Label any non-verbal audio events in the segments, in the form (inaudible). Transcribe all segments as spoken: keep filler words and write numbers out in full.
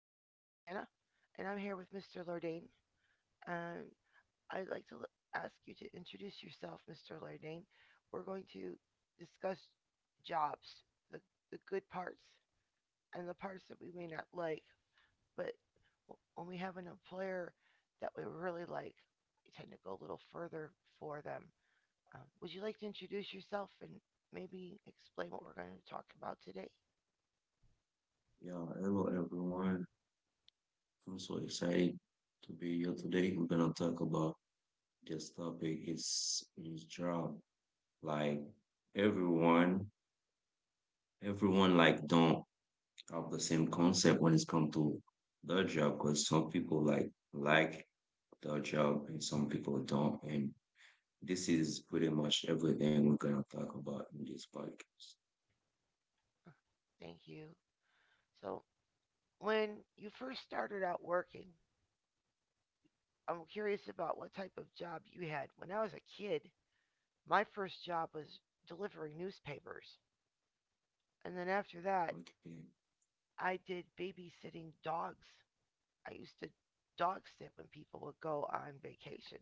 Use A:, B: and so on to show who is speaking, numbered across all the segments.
A: Juliana, and I'm here with mister Lordain. And I'd like to ask you to introduce yourself, mister Lordain. We're going to discuss jobs, the, the good parts, and the parts that we may not like. But when we have an employer that we really like, we tend to go a little further for them. Um, would you like to introduce yourself and maybe explain what we're going to talk about today?
B: Yeah, hello everyone. I'm so excited to be here today. We're gonna talk about this topic. It's it's job. Like everyone, everyone like don't have the same concept when it's come to their job because some people like like their job and some people don't. And this is pretty much everything we're gonna talk about in this podcast.
A: Thank you. So, when you first started out working, I'm curious about what type of job you had. When I was a kid, my first job was delivering newspapers. And then after that,
B: Okay.
A: I did babysitting dogs. I used to dog sit when people would go on vacation.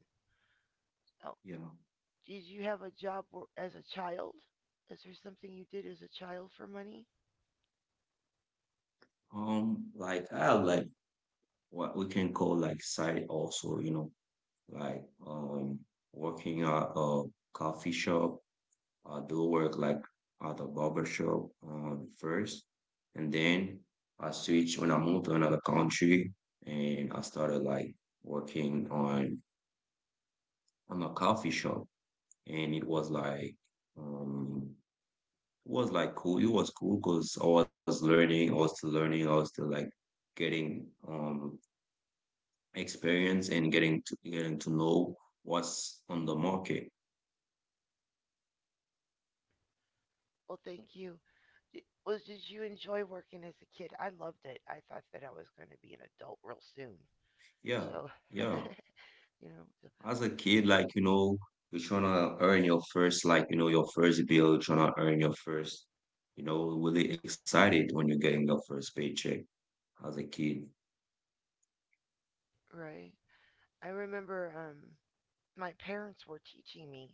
A: Oh,
B: Yeah.
A: did you have a job as a child? Is there something you did as a child for money?
B: Um, like I have like what we can call like side also, you know. Like um, working at a coffee shop, I do work like at a barber shop um, first, and then I switched when I moved to another country, and I started like working on on a coffee shop, and it was like um, it was like cool. It was cool because I was learning, I was still learning, I was still like getting um experience and getting to getting to know what's on the market.
A: Well, thank you. Did, was did you enjoy working as a kid? I loved it. I thought that I was going to be an adult real soon.
B: Yeah,
A: So
B: yeah.
A: (laughs) you know so-
B: As a kid, like, you know, you're trying to earn your first, like, you know, your first bill, you're trying to earn your first, you know, really excited when you're getting your first paycheck as a kid.
A: right. I remember um my parents were teaching me.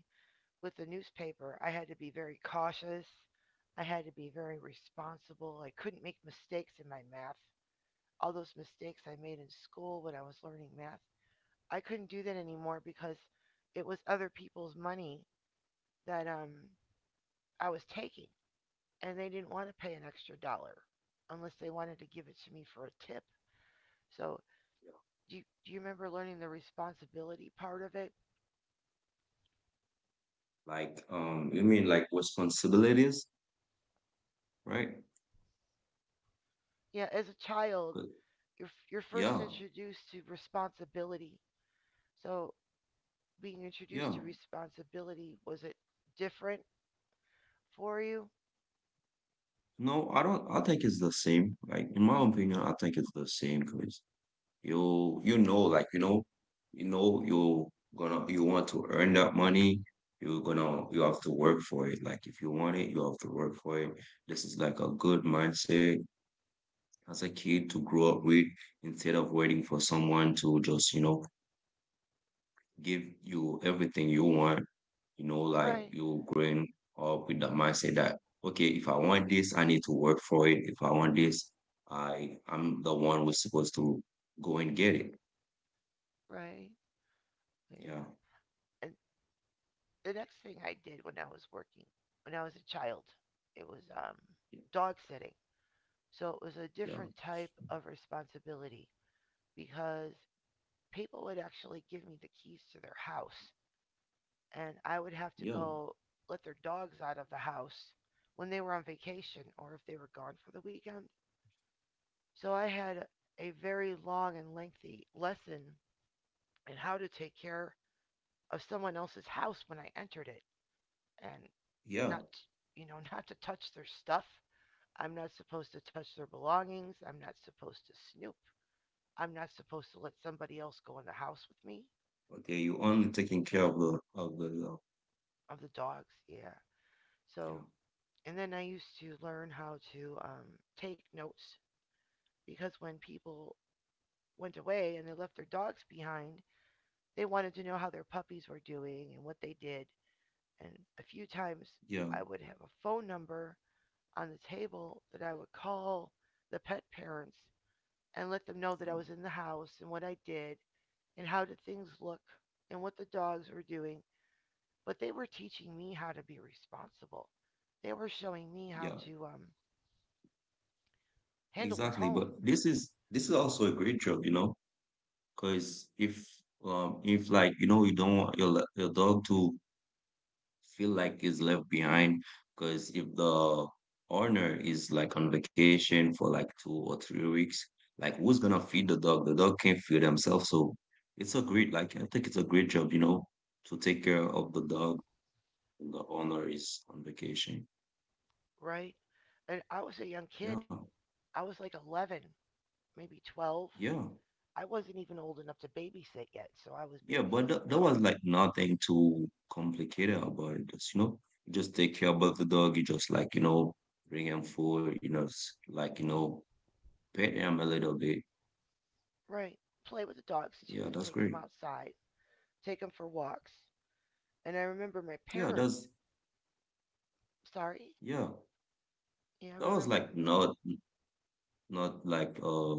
A: With the newspaper I had to be very cautious, I had to be very responsible, I couldn't make mistakes in my math. All those mistakes I made in school when I was learning math, I couldn't do that anymore because it was other people's money that um I was taking, and they didn't want to pay an extra dollar unless they wanted to give it to me for a tip. So do you, do you remember learning the responsibility part of it?
B: Like, um, you mean like responsibilities, right?
A: Yeah, as a child,
B: But
A: you're you're first
B: yeah,
A: introduced to responsibility. So being introduced
B: yeah.
A: to responsibility, was it different for you? (laughs)
B: No, I don't, I think it's the same. Like, in my opinion, I think it's the same 'cause you you know like you know you know you gonna you want to earn that money, you're gonna you have to work for it, like if you want it you have to work for it. This is like a good mindset as a kid to grow up with, instead of waiting for someone to just, you know, give you everything you want, you know, like
A: Right,
B: you growing up with that mindset that okay, if I want this I need to work for it, if I want this i i'm the one who's supposed to go and get it.
A: right, yeah.
B: Yeah,
A: And the next thing I did when I was working, when I was a child, it was um dog sitting. So it was a
B: yeah.
A: different type of responsibility because people would actually give me the keys to their house and I would have to
B: Yeah,
A: go let their dogs out of the house when they were on vacation or if they were gone for the weekend. So I had a very long and lengthy lesson in how to take care of someone else's house when I entered it, and
B: yeah.
A: not, you know, (laughs) not to touch their stuff. I'm not supposed to touch their belongings. I'm not supposed to snoop. I'm not supposed to let somebody else go in the house with me
B: Okay, you are only taking care of the of the uh,
A: of the dogs. Yeah.
B: yeah,
A: So, and then I used to learn how to um, take notes because when people went away and they left their dogs behind, they wanted to know how their puppies were doing and what they did. And a few times
B: yeah,
A: I would have a phone number on the table that I would call the pet parents and let them know that I
B: uh,
A: was in the house and what I did and how did things look and what the dogs were doing. But they were teaching me how to be responsible. They were showing me how
B: yeah.
A: to um, handle their
B: Exactly.
A: home,
B: But this is this is also a great job, you know, because if um if like, you know, you don't want your le- your dog to feel like he's left behind, because if the owner is like on vacation for like two or three weeks, like who's gonna feed the dog? The dog can't feed himself, so it's a great, like, I think it's a great job, you know, to take care of the dog, the owner is on vacation.
A: right? And I was a young kid.
B: Yeah,
A: I was like eleven, maybe twelve.
B: yeah,
A: I wasn't even old enough to babysit yet, so I was
B: yeah. But
A: babysitting
B: that, that was
A: dogs.
B: like nothing too complicated about it. Just, you know, you just take care about the dog. You just like, you know, bring him food. You know, s- like, you know, pet him a little bit.
A: Right. Play with the dogs
B: Yeah,
A: too.
B: that's
A: Take them
B: great.
A: outside, take them for walks. And I remember my
B: Yeah,
A: parents.
B: that's
A: Sorry?
B: yeah.
A: Yeah, I
B: That was
A: remember.
B: like not not like uh,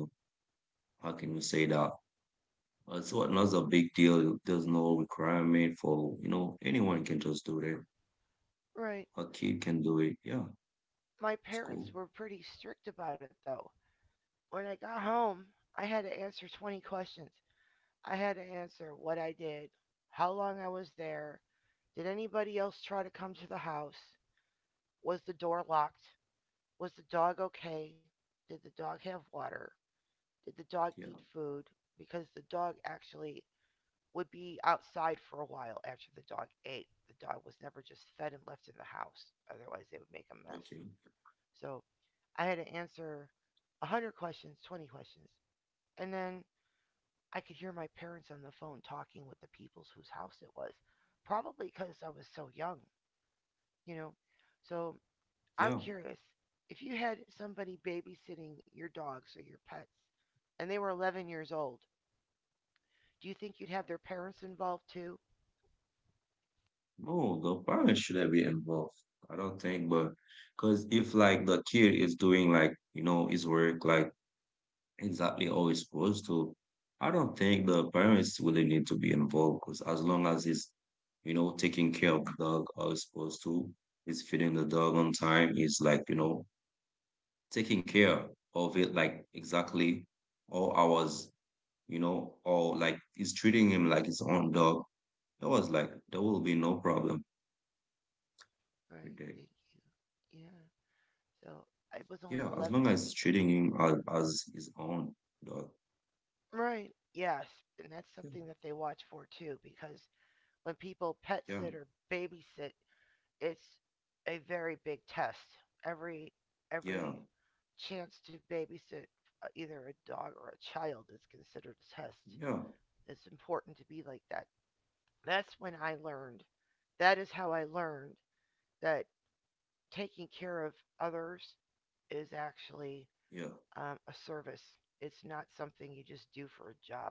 B: how can you say that? It's what not a big deal. There's no requirement for, you know, anyone can just do it.
A: Right.
B: A kid can do it. Yeah,
A: My
B: it's cool.
A: parents were pretty strict about it though. When I got home, I had to answer twenty questions. I had to answer what I did, how long I was there, did anybody else try to come to the house, was the door locked, was the dog okay, did the dog have water, did the dog
B: Yeah.
A: eat food? Because the dog actually would be outside for a while after the dog ate. The dog was never just fed and left in the house, otherwise they would make a mess.
B: Okay.
A: So I had to answer a hundred questions, twenty questions. And then I could hear my parents on the phone talking with the peoples whose house it was, probably because I was so young, you know. So I'm
B: Yeah,
A: curious, if you had somebody babysitting your dogs or your pets and they were eleven years old, do you think you'd have their parents involved too?
B: no, the parents shouldn't be involved. I don't think, but because if like the kid is doing, like, you know, his work like exactly how he's supposed to, I don't think the parents really need to be involved. Because as long as he's, you know, taking care of the dog how he's supposed to, he's feeding the dog on time, he's like, you know, taking care of it like exactly all hours, you know, or like he's treating him like his own dog. That was like there will be no problem
A: Right,
B: with that.
A: thank you. Yeah, so I was
B: Yeah,
A: only
B: as long
A: eleven
B: as
A: years old.
B: treating him as, as his own, dog.
A: Right, yes, and that's something that they watch for too, because when people pet sit
B: Yeah,
A: or babysit, it's a very big test. Every
B: yeah,
A: every chance to babysit uh, either a dog or a child is considered a test.
B: yeah,
A: It's important to be like that. That's when I learned. That is how I learned that taking care of others is actually
B: yeah,
A: um, a service. It's not something you just do for a job.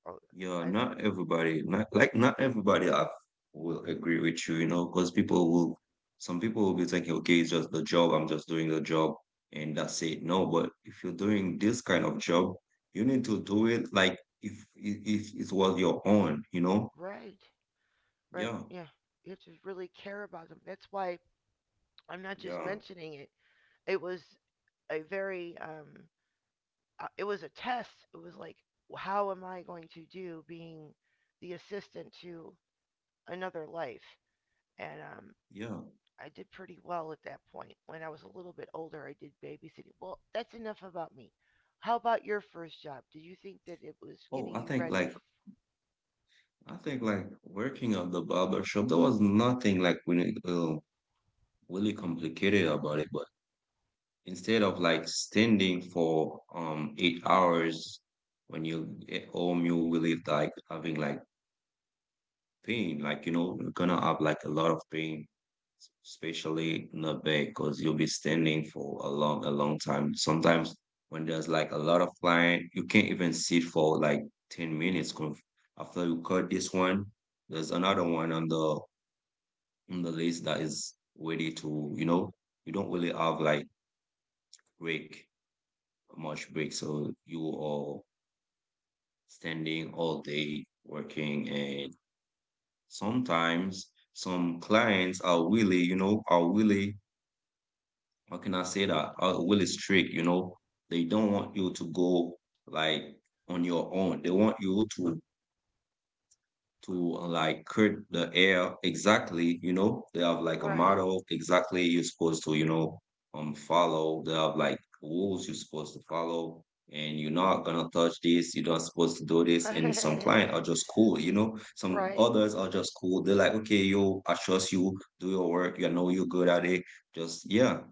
A: So
B: yeah.
A: I learned,
B: Not everybody, not like not everybody I will agree with you, you know, because people will, some people will be thinking, okay, it's just the job. I'm just doing the job, and that's it. No, but if you're doing this kind of job, you need to do it like if if if it was your own, you know.
A: right, right,
B: Yeah,
A: yeah. You have to really care about them. That's why I'm not just
B: yeah,
A: mentioning it. It was a very, um, uh, it was a test. It was like, how am I going to do being the assistant to another life? And um,
B: yeah.
A: I did pretty well at that point. When I was a little bit older, I did babysitting. Well, that's enough about me. How about your first job? Did you think that it was
B: Oh,
A: getting
B: I
A: you
B: think
A: ready? f-
B: like I think like working at the barber shop, there was nothing like really, uh, really complicated about it. But instead of like standing for um eight hours when you get home, you will really like having like pain. Like, you know, you're gonna have like a lot of pain, especially in the back, because you'll be standing for a long, a long time. Sometimes when there's like a lot of client, you can't even sit for like ten minutes. 'Cause after you cut this one, there's another one on the in the list that is ready to, you know, you don't really have like break, much break. So you are standing all day working, and sometimes some clients are really, you know, are really, how can I say that? Are really strict, you know. They don't want you to go like on your own. They want you to to uh, like cut the air exactly, you know, they have like a
A: Right.
B: model exactly you're supposed to, you know, um follow. They have like rules you're supposed to follow, and you're not gonna touch this, you're not supposed to do this. And some clients are just cool, you know.
A: (laughs)
B: Some
A: Right.
B: others are just cool. They're like, okay, yo, I trust you, do your work, you know you're good at it. Just yeah,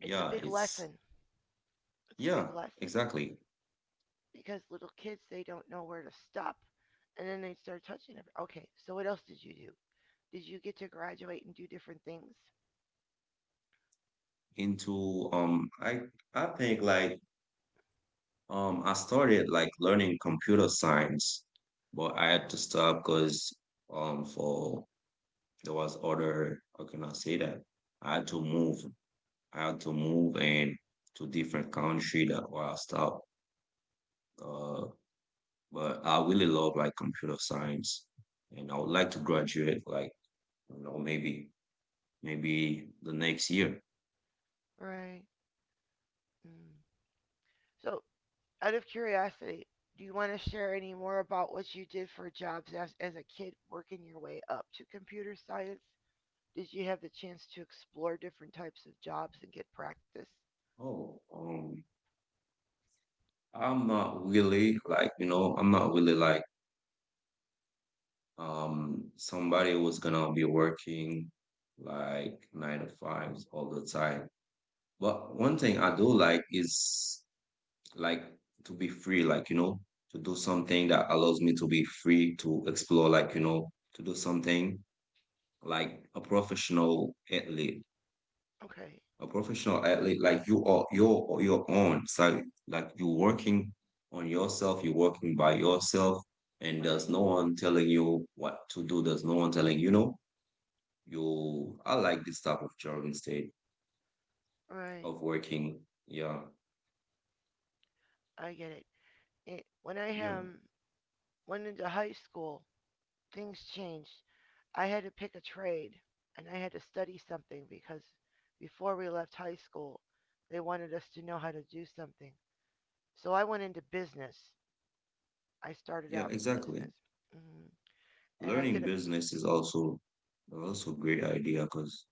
A: It's a big
B: it's
A: lesson. It's a
B: yeah,
A: big lesson
B: exactly.
A: because little kids, they don't know where to stop and then they start touching it. Okay, so what else did you do? Did you get to graduate and do different things?
B: Into um I I think like Um, I started like learning computer science, but I had to
A: Oh.
B: stop because um for there was other, how can I say that? I had to move. I had to move and to different country, that why I stopped. Uh, but I really love like computer science, and I would like to
A: Oh.
B: graduate like, you know, maybe maybe the next year.
A: Right. Mm. So out of curiosity, do you want to share any more about what you did for jobs as, as a kid working your way up to computer science? Did you have the chance to explore different types of jobs and get practice?
B: Oh, um, I'm not really like, you know, I'm not really like um somebody was gonna be working like nine to fives all the time, but one thing I do like is like to be free, like, you know, to do something that allows me to be free to explore, like, you know, to do something like a professional athlete.
A: Okay,
B: A professional athlete like you are your your own side. Like you're working on yourself, you're working by yourself, and there's
A: right,
B: no one telling you what to do, there's no one telling, you know, you. I like this type of job instead
A: right.
B: of working. Yeah,
A: I get it. It when I
B: yeah,
A: um, went into high school, things changed. I had to pick a trade and I had to study something because before we left high school, they wanted us to know how to do something. So I went into business. I started
B: yeah,
A: out in
B: exactly.
A: business. Hmm. And I did
B: Learning
A: a
B: business is also also great idea, because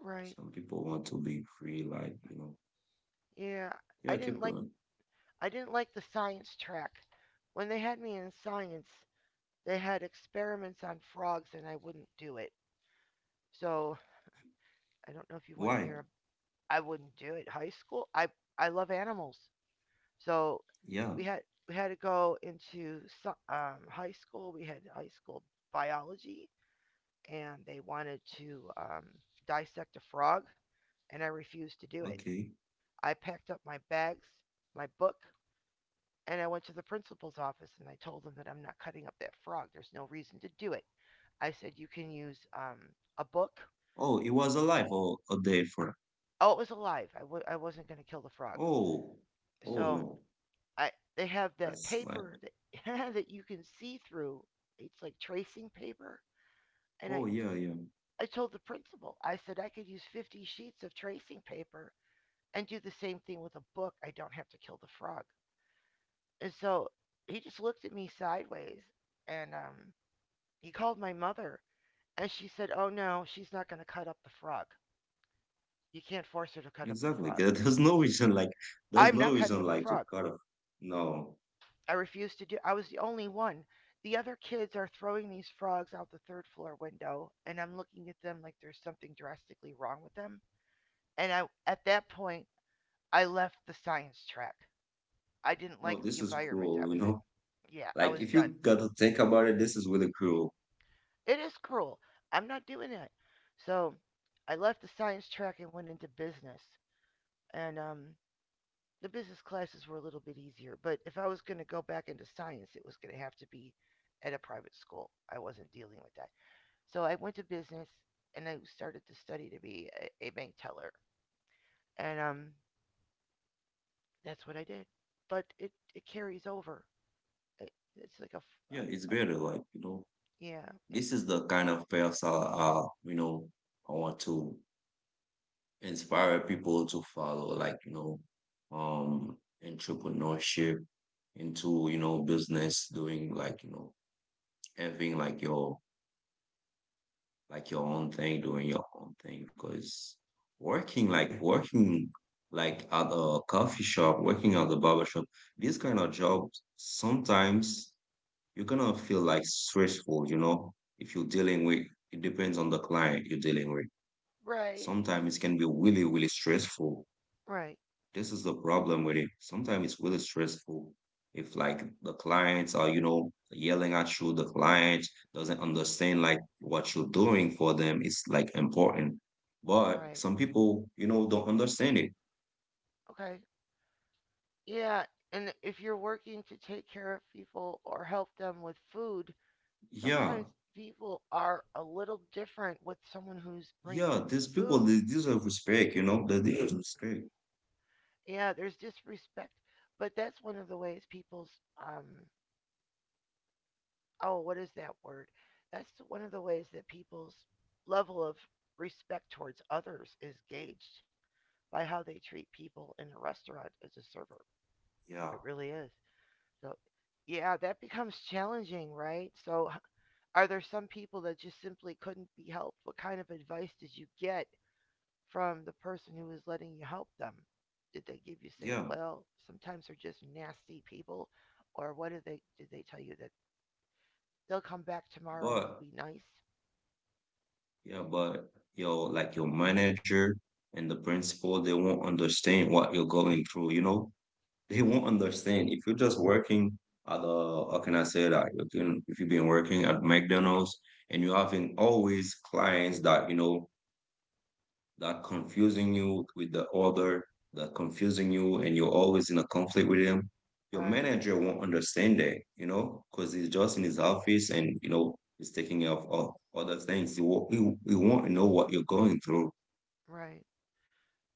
A: right.
B: some people want to be free, like, you know.
A: Yeah,
B: Yeah,
A: I
B: keep
A: didn't like
B: going.
A: I didn't like the science track. When they had me in science, they had experiments on frogs and I wouldn't do it. So, I don't know if you want to
B: Why?
A: hear. I wouldn't do it high school. I I love animals. So,
B: Yeah,
A: we had we had to go into so- um, high school. We had high school biology and they wanted to um, dissect a frog and I refused to do it.
B: okay.
A: I packed up my bags, my book, and I went to the principal's office and I told him that I'm not cutting up that frog. There's no reason to do it. I said you can use um, a book.
B: Oh, it was alive or a day for?
A: Oh, it was alive. I w- I wasn't going to kill the frog.
B: Oh. Oh,
A: So
B: no.
A: I they have that
B: That's like.
A: paper that (laughs) that you can see through. It's like tracing paper. And I
B: Oh, yeah, yeah.
A: I told the principal, I said I could use fifty sheets of tracing paper and do the same thing with a book. I don't have to kill the frog. And so he just looked at me sideways and um, he called my mother. And she said, "Oh no, she's not going to cut up the frog. You can't force her to cut up the
B: Exactly. (laughs)
A: frog."
B: There- there's no reason like there's
A: I'm not
B: no
A: cutting
B: reason
A: up the
B: like to
A: frog.
B: cut off. No,
A: I refuse to do. I was the only one. The other kids are throwing these frogs out the third floor window and I'm looking at them like there's something drastically wrong with them. And I, at that point, I left the science track. I didn't
B: no,
A: like the
B: this is
A: environment
B: cruel,
A: I
B: you
A: was in.
B: know.
A: Yeah, I
B: Like
A: was
B: if you
A: done.
B: gotta think about it, this is really cool.
A: It is cruel. I'm not doing that. So I left the science track and went into business. And um, the business classes were a little bit easier. But if I was going to go back into science, it was going to have to be at a private school. I wasn't dealing with that. So I went to business and I started to study to be a, a bank teller. And um, that's what I did. But it, it carries over. It, it's like a a
B: Yeah, it's
A: a,
B: better. Like, you know,
A: yeah,
B: this
A: it's
B: is the kind of path I, I you know, I want to inspire people to follow. Like, you know, um, entrepreneurship into, you know, business, doing, like, you know, having like your, like your own thing, doing your own thing. Because working, like working like at a coffee shop, working at the barber shop, these kind of jobs sometimes you're gonna feel like stressful, you know, if you're dealing with, it depends on the client you're dealing with.
A: right,
B: Sometimes it can be really, really stressful.
A: right,
B: This is the problem with it. Sometimes it's really stressful if like the clients are, you know, yelling at you, the client doesn't understand like what you're doing for them. It's like important. But
A: right.
B: some people, you know, don't understand it.
A: Okay, yeah, and if you're working to take care of people or help them with food,
B: Yeah.
A: sometimes people are a little different with someone who's bringing
B: Yeah.
A: them
B: These people,
A: food.
B: they deserve respect, you know, they deserve respect.
A: Yeah, there's disrespect, but that's one of the ways people's um oh, what is that word? That's one of the ways that people's level of respect towards others is gauged by how they treat people in a restaurant as a server.
B: Yeah.
A: It really is. So, yeah, that becomes challenging, right? So, h- Are there some people that just simply couldn't be helped? What kind of advice did you get from the person who was letting you help them? Did they give you say,
B: Yeah.
A: well, sometimes they're just nasty people, or what did they did they tell you that they'll come back tomorrow and they'll
B: But
A: be nice?
B: yeah, but your like your manager and the principal, they won't understand what you're going through, you know? They won't understand. If you're just working at the, how can I say that? You can, if you've been working at McDonald's and you're having always clients that, you know, that confusing you with the other, that confusing you, and you're always in a conflict with him. Your
A: Right,
B: manager won't understand that, you know, because he's just in his office, and you know he's taking care of all other things. He won't, he, he won't know what you're going through.
A: right,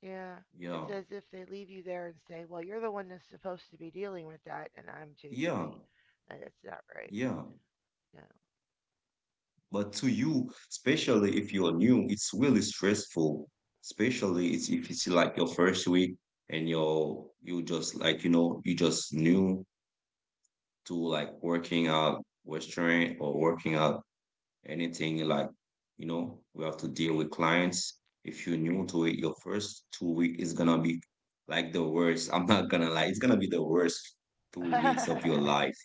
A: yeah.
B: Yeah,
A: It's as if they leave you there and say, well, you're the one that's supposed to be dealing with that, and I'm too
B: yeah,
A: busy. And it's not right.
B: yeah.
A: No.
B: But to you, especially if you're new, it's really stressful. Especially it's if it's like your first week, and you're you just like, you know, you just new to like working out Western or working out anything, like, you know, we have to deal with clients. If you're new to it, your first two weeks is gonna be like the worst. (laughs) I'm not gonna lie, it's gonna be the worst two weeks of your life.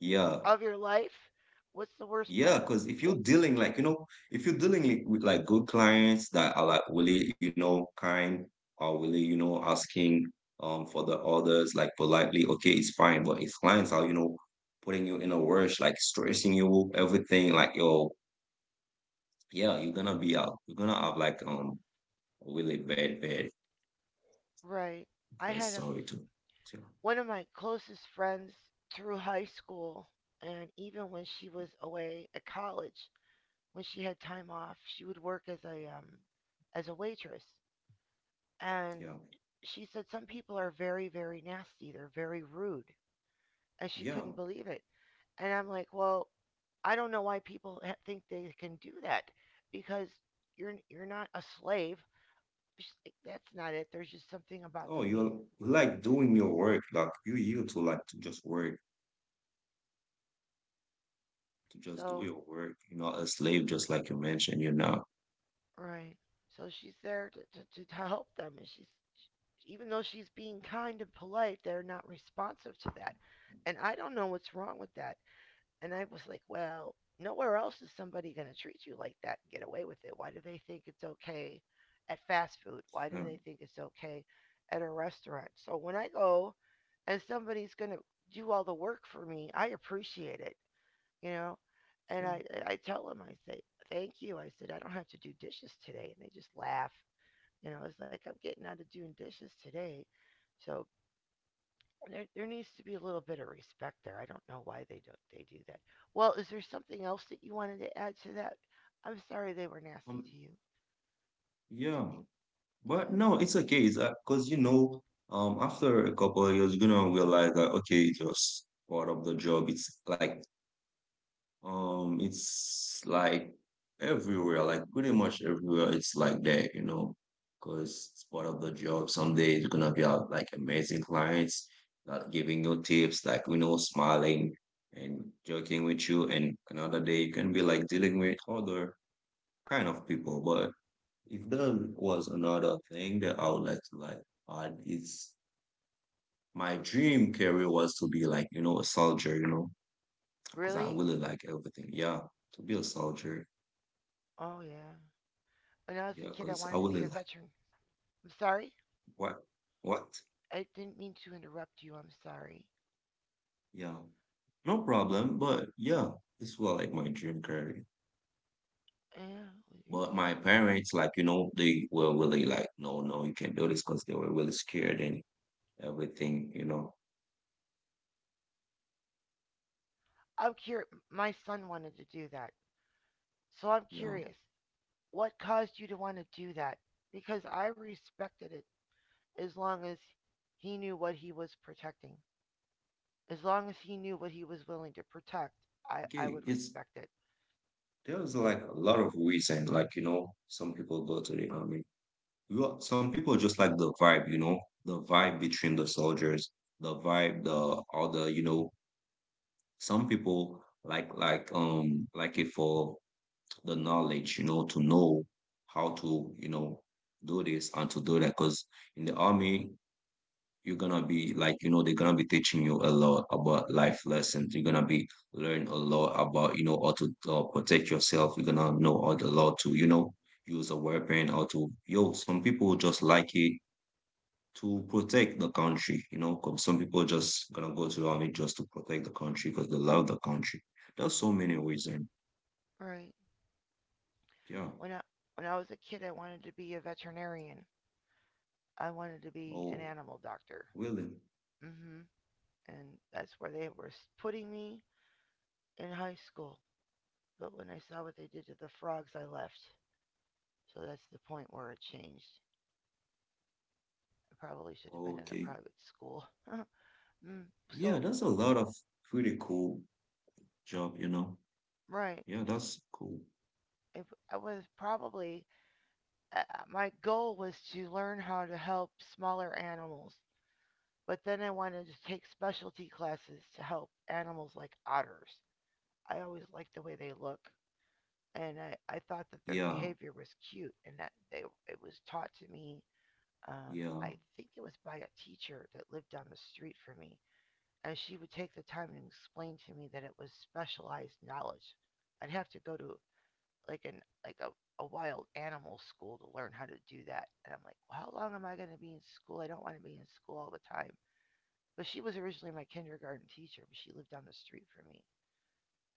B: Yeah,
A: (laughs) Of your life, what's the worst
B: yeah,
A: part of
B: because if you're
A: what?
B: dealing like, you know, if you're dealing like, with like good clients that are like really, you know, kind or really, you know, asking um for the orders like politely, okay, it's fine. But if clients are, you know, putting you in a rush, like stressing you, everything, like yo, yeah, you're gonna be out. You're gonna have like um really bad, bad,
A: Right. I
B: bad
A: had a f-
B: story. To, to
A: One of my closest friends through high school and even when she was away at college, when she had time off, she would work as a um as a waitress. And
B: Yeah,
A: she said some people are very very nasty, they're very rude, and she
B: yeah.
A: couldn't believe it. And I'm like, "Well, I don't know why people ha- think they can do that because you're you're not a slave." She's like, "That's not it. There's just something about
B: Oh,
A: them being
B: you're you
A: rude."
B: like doing your work, like you're to like to just work to just do
A: So,
B: your work. You're not a slave, just like you mentioned. You're not.
A: right. So she's there to, to, to help them, and she's even though she's being kind and polite, they're not responsive to that. And I don't know what's wrong with that. And I was like, well, nowhere else is somebody going to treat you like that and get away with it. Why do they think it's okay at fast food? Why do
B: Yeah.
A: they think it's okay at a restaurant? So when I go and somebody's going to do all the work for me, I appreciate it, you know. And
B: Yeah.
A: I I tell them, I say, thank you. I said, I don't have to do dishes today. And they just laugh. You know, it's like, I'm getting out of doing dishes today. So there, there needs to be a little bit of respect there. I don't know why they don't they do that. Well, is there something else that you wanted to add to that? I'm sorry they were
B: Um,
A: nasty to you. I
B: yeah,
A: think,
B: but
A: mm,
B: no, it's okay. It's because you know, um, after a couple of years, you're gonna realize that okay, it's just part of the job. It's like Um, it's like everywhere, like pretty much everywhere. It's like that, you know, because it's part of the job. Some days you're gonna be out like amazing clients that giving you tips, like you know, smiling and joking with you. And another day you can be like dealing with other kind of people. But if there was another thing that I would like to like add, it's my dream career was to be like you know a soldier, you know, because I
A: really?
B: really like everything. Yeah, to be a soldier.
A: Oh, yeah. When I was a
B: Yeah,
A: kid, I
B: because I
A: wanted to be
B: really
A: a
B: like
A: veteran. I'm sorry.
B: what what?
A: I didn't mean to interrupt you. I'm sorry.
B: Yeah. No problem, but yeah, this was like my dream career.
A: Yeah,
B: But my parents, like, you know, they were really like, no, no, you can't do this because they were really scared and everything, you know.
A: I'm curious. My son wanted to do that. So I'm
B: Yeah.
A: curious. What caused you to want to do that? Because I respected it as long as he knew what he was protecting. As long as he knew what he was willing to protect, I, I
B: Okay.
A: would
B: It's
A: respect it.
B: there's
A: He,
B: like a lot of reason, like, you know, some people go to the army. Well, some people just like the vibe, you know, the vibe between the soldiers, the vibe, the all the, you know, some people like like um like it for the knowledge, you know, to know how to, you know, do this and to do that. Because in the army, you're gonna be like, you know, they're gonna be teaching you a lot about life lessons. You're gonna be learn a lot about, you know, how to uh, protect yourself. You're gonna know how to, how to, you know, use a weapon. How to, yo, some people just like it to protect the country, you know, 'cause some people just gonna go to the army just to protect the country because they love the country. There's so many reasons.
A: right.
B: Yeah.
A: When I, when I was a kid, I wanted to be a veterinarian. I wanted to be an
B: Oh,
A: animal doctor.
B: Willie.
A: Hmm. And that's where they were putting me in high school. But when I saw what they did to the frogs, I left. So that's the point where it changed. I probably should have been in a
B: Okay.
A: private school. (laughs) Mm,
B: Yeah,
A: so,
B: that's a lot of pretty cool job, you know.
A: right.
B: Yeah, that's cool.
A: It, I was probably, uh, uh, my goal was to learn how to help smaller animals, but then I wanted to take specialty classes to help animals like otters. I always liked the way they look, and I, I thought that their
B: Yeah,
A: behavior was cute, and that they it was taught to me. Um,
B: yeah,
A: I think it was by a teacher that lived down the street from me. And she would take the time and explain to me that it was specialized knowledge. I'd have to go to like an like a, a wild animal school to learn how to do that. And I'm like, well, how long am I going to be in school? I don't want to be in school all the time. But she was originally my kindergarten teacher, but she lived down the street from me,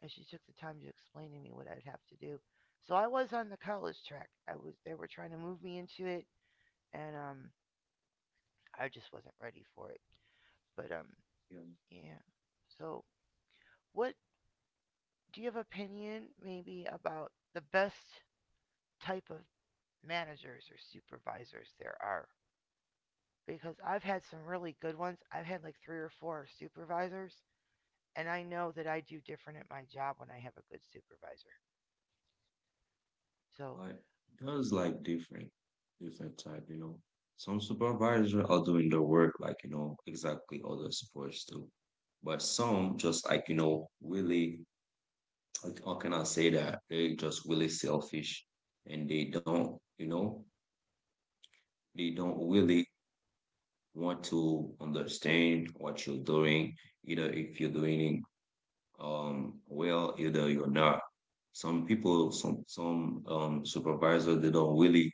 A: and she took the time to explain to me what I'd have to do. So I was on the college track. I was they were trying to move me into it, and um, I just wasn't ready for it. But um,
B: yeah.
A: yeah. So what do you have opinion maybe about the best type of managers or supervisors there are? Because I've had some really good ones. I've had like three or four supervisors, and I know that I do different at my job when I have a good supervisor. So,
B: But that's like different, different type, you know. Some supervisors are doing the work like, you know, exactly how they're supposed to. But some just like, you know, really, like, how can I say that? They just really selfish and they don't, you know, they don't really want to understand what you're doing, either if you're doing Um, well, either you're not. Some people, some some um supervisors, they don't really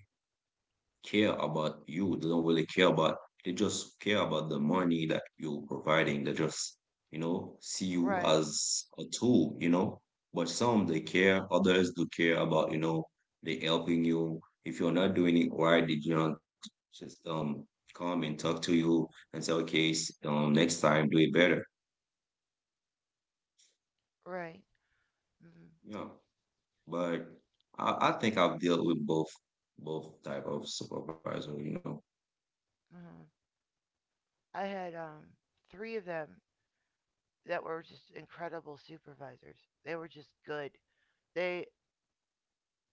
B: care about you. They don't really care about. They just care about the money that you're providing. They just, you know, see you
A: right,
B: as a tool, you know. But some they care. Others do care about, you know, they helping you. If you're not doing it right, they do not just um come and talk to you and say, okay, s- um, next time do it better.
A: right. Mm-hmm,
B: Yeah. But I, I think I've dealt with both both type of supervisor, you know.
A: mm-hmm. I had um, three of them that were just incredible supervisors. They were just good. They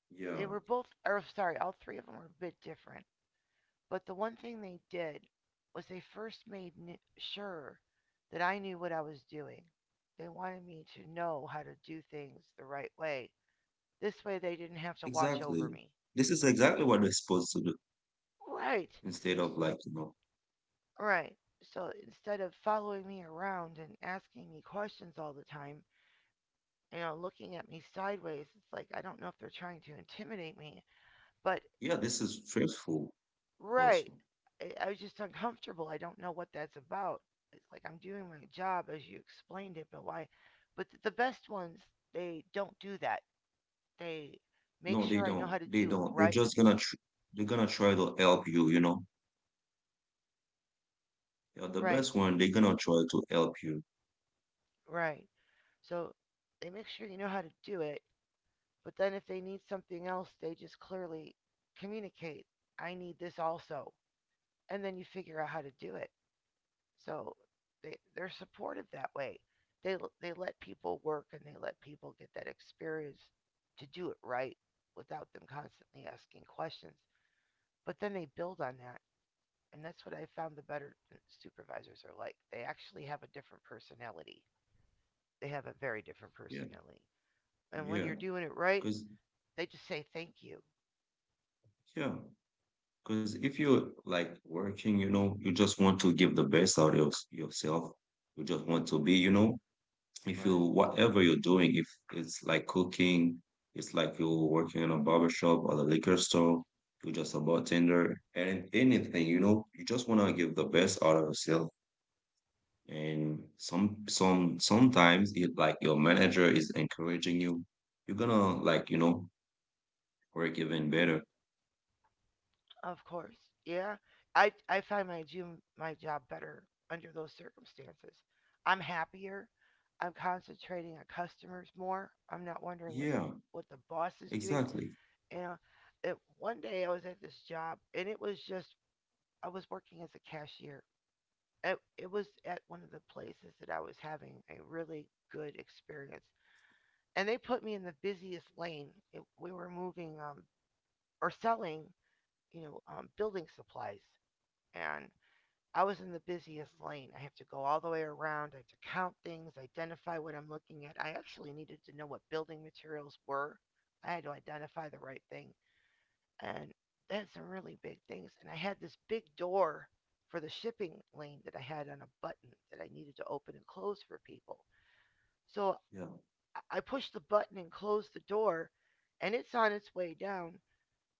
B: Yeah.
A: they were both, or sorry, all three of them were a bit different. But the one thing they did was they first made sure that I knew what I was doing. They wanted me to know how to do things the right way. This way they didn't have to watch over
B: Exactly.
A: me.
B: This is exactly what they're supposed to do
A: Right.
B: instead of like, you know.
A: Right. So instead of following me around and asking me questions all the time, you know, looking at me sideways, it's like I don't know if they're trying to intimidate me, but
B: Yeah, this is truthful also.
A: right. I, I was just uncomfortable. I don't know what that's about. It's like I'm doing my job as you explained it, but why? But th- the best ones, they don't do that. They make
B: No, they
A: sure I know
B: don't.
A: how to
B: They
A: do it
B: don't. They're
A: right,
B: just gonna tr they're gonna try to help you, you know. Yeah, the
A: right,
B: best one, they're gonna try to help you.
A: right. So they make sure you know how to do it, but then if they need something else, they just clearly communicate, I need this also. And then you figure out how to do it. So they they're supportive that way. They l- they let people work and they let people get that experience to do it right without them constantly asking questions. But then they build on that, and that's what I found the better uh, supervisors are like. They actually have a different personality. They have a very different
B: Yeah.
A: personality. And when you're
B: Yeah.
A: doing it right,
B: Cause
A: they just say thank you.
B: yeah. Cause if you're like working, you know, you just want to give the best out of yours- yourself. You just want to be, you know, if you
A: Right.
B: whatever you're doing, if it's like cooking, it's like you're working in a barber shop or a liquor store, you're just a bartender, and anything, you know, you just wanna give the best out of yourself. And some some sometimes it like your manager is encouraging you, you're gonna like, you know, work even better.
A: Of course. Yeah. I I find my gym my job better under those circumstances. I'm happier. I'm concentrating on customers more. I'm not wondering what the
B: Yeah,
A: what the boss is doing.
B: exactly.
A: You know, it, one day I was at this job and it was just I was working as a cashier. It, it was at one of the places that I was having a really good experience. And they put me in the busiest lane. It, we were moving um, or selling, you know, um, building supplies. And I was in the busiest lane. I have to go all the way around. I have to count things, identify what I'm looking at. I actually needed to know what building materials were. I had to identify the right thing. And that's some really big things. And I had this big door for the shipping lane that I had on a button that I needed to open and close for people. So
B: Yeah,
A: I- I pushed the button and closed the door, and it's on its way down.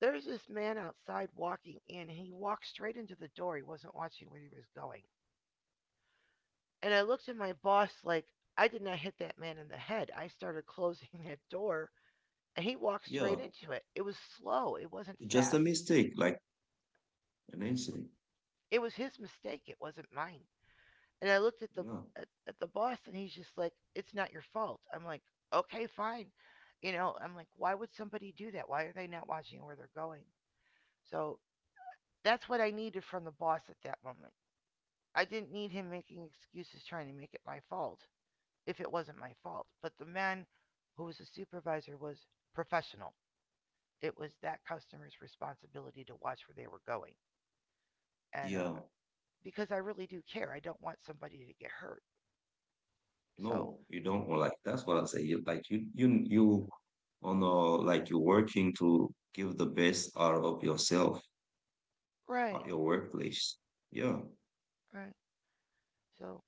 A: There's this man outside walking in. He walked straight into the door. He wasn't watching where he was going. And I looked at my boss like, I did not hit that man in the head. I started (laughs) closing that door and he walked straight
B: yeah.
A: into it. It was slow, it wasn't
B: It's just a
A: fast.
B: mistake, like an incident.
A: It was his mistake, it wasn't mine. And I looked at the
B: Yeah,
A: at, at the boss and he's just like, "It's not your fault." I'm like, "Okay, fine." You know, I'm like, "Why would somebody do that? Why are they not watching where they're going?" So, that's what I needed from the boss at that moment. I didn't need him making excuses trying to make it my fault, if it wasn't my fault. But the man who was the supervisor was professional. It was that customer's responsibility to watch where they were going. And
B: yeah.
A: um, because I really do care, I don't want somebody to get hurt. So,
B: No, you don't or like that's what I say. You- Like you you you on a like you're working to give the best out of yourself at
A: right,
B: your workplace. Yeah.
A: right. So,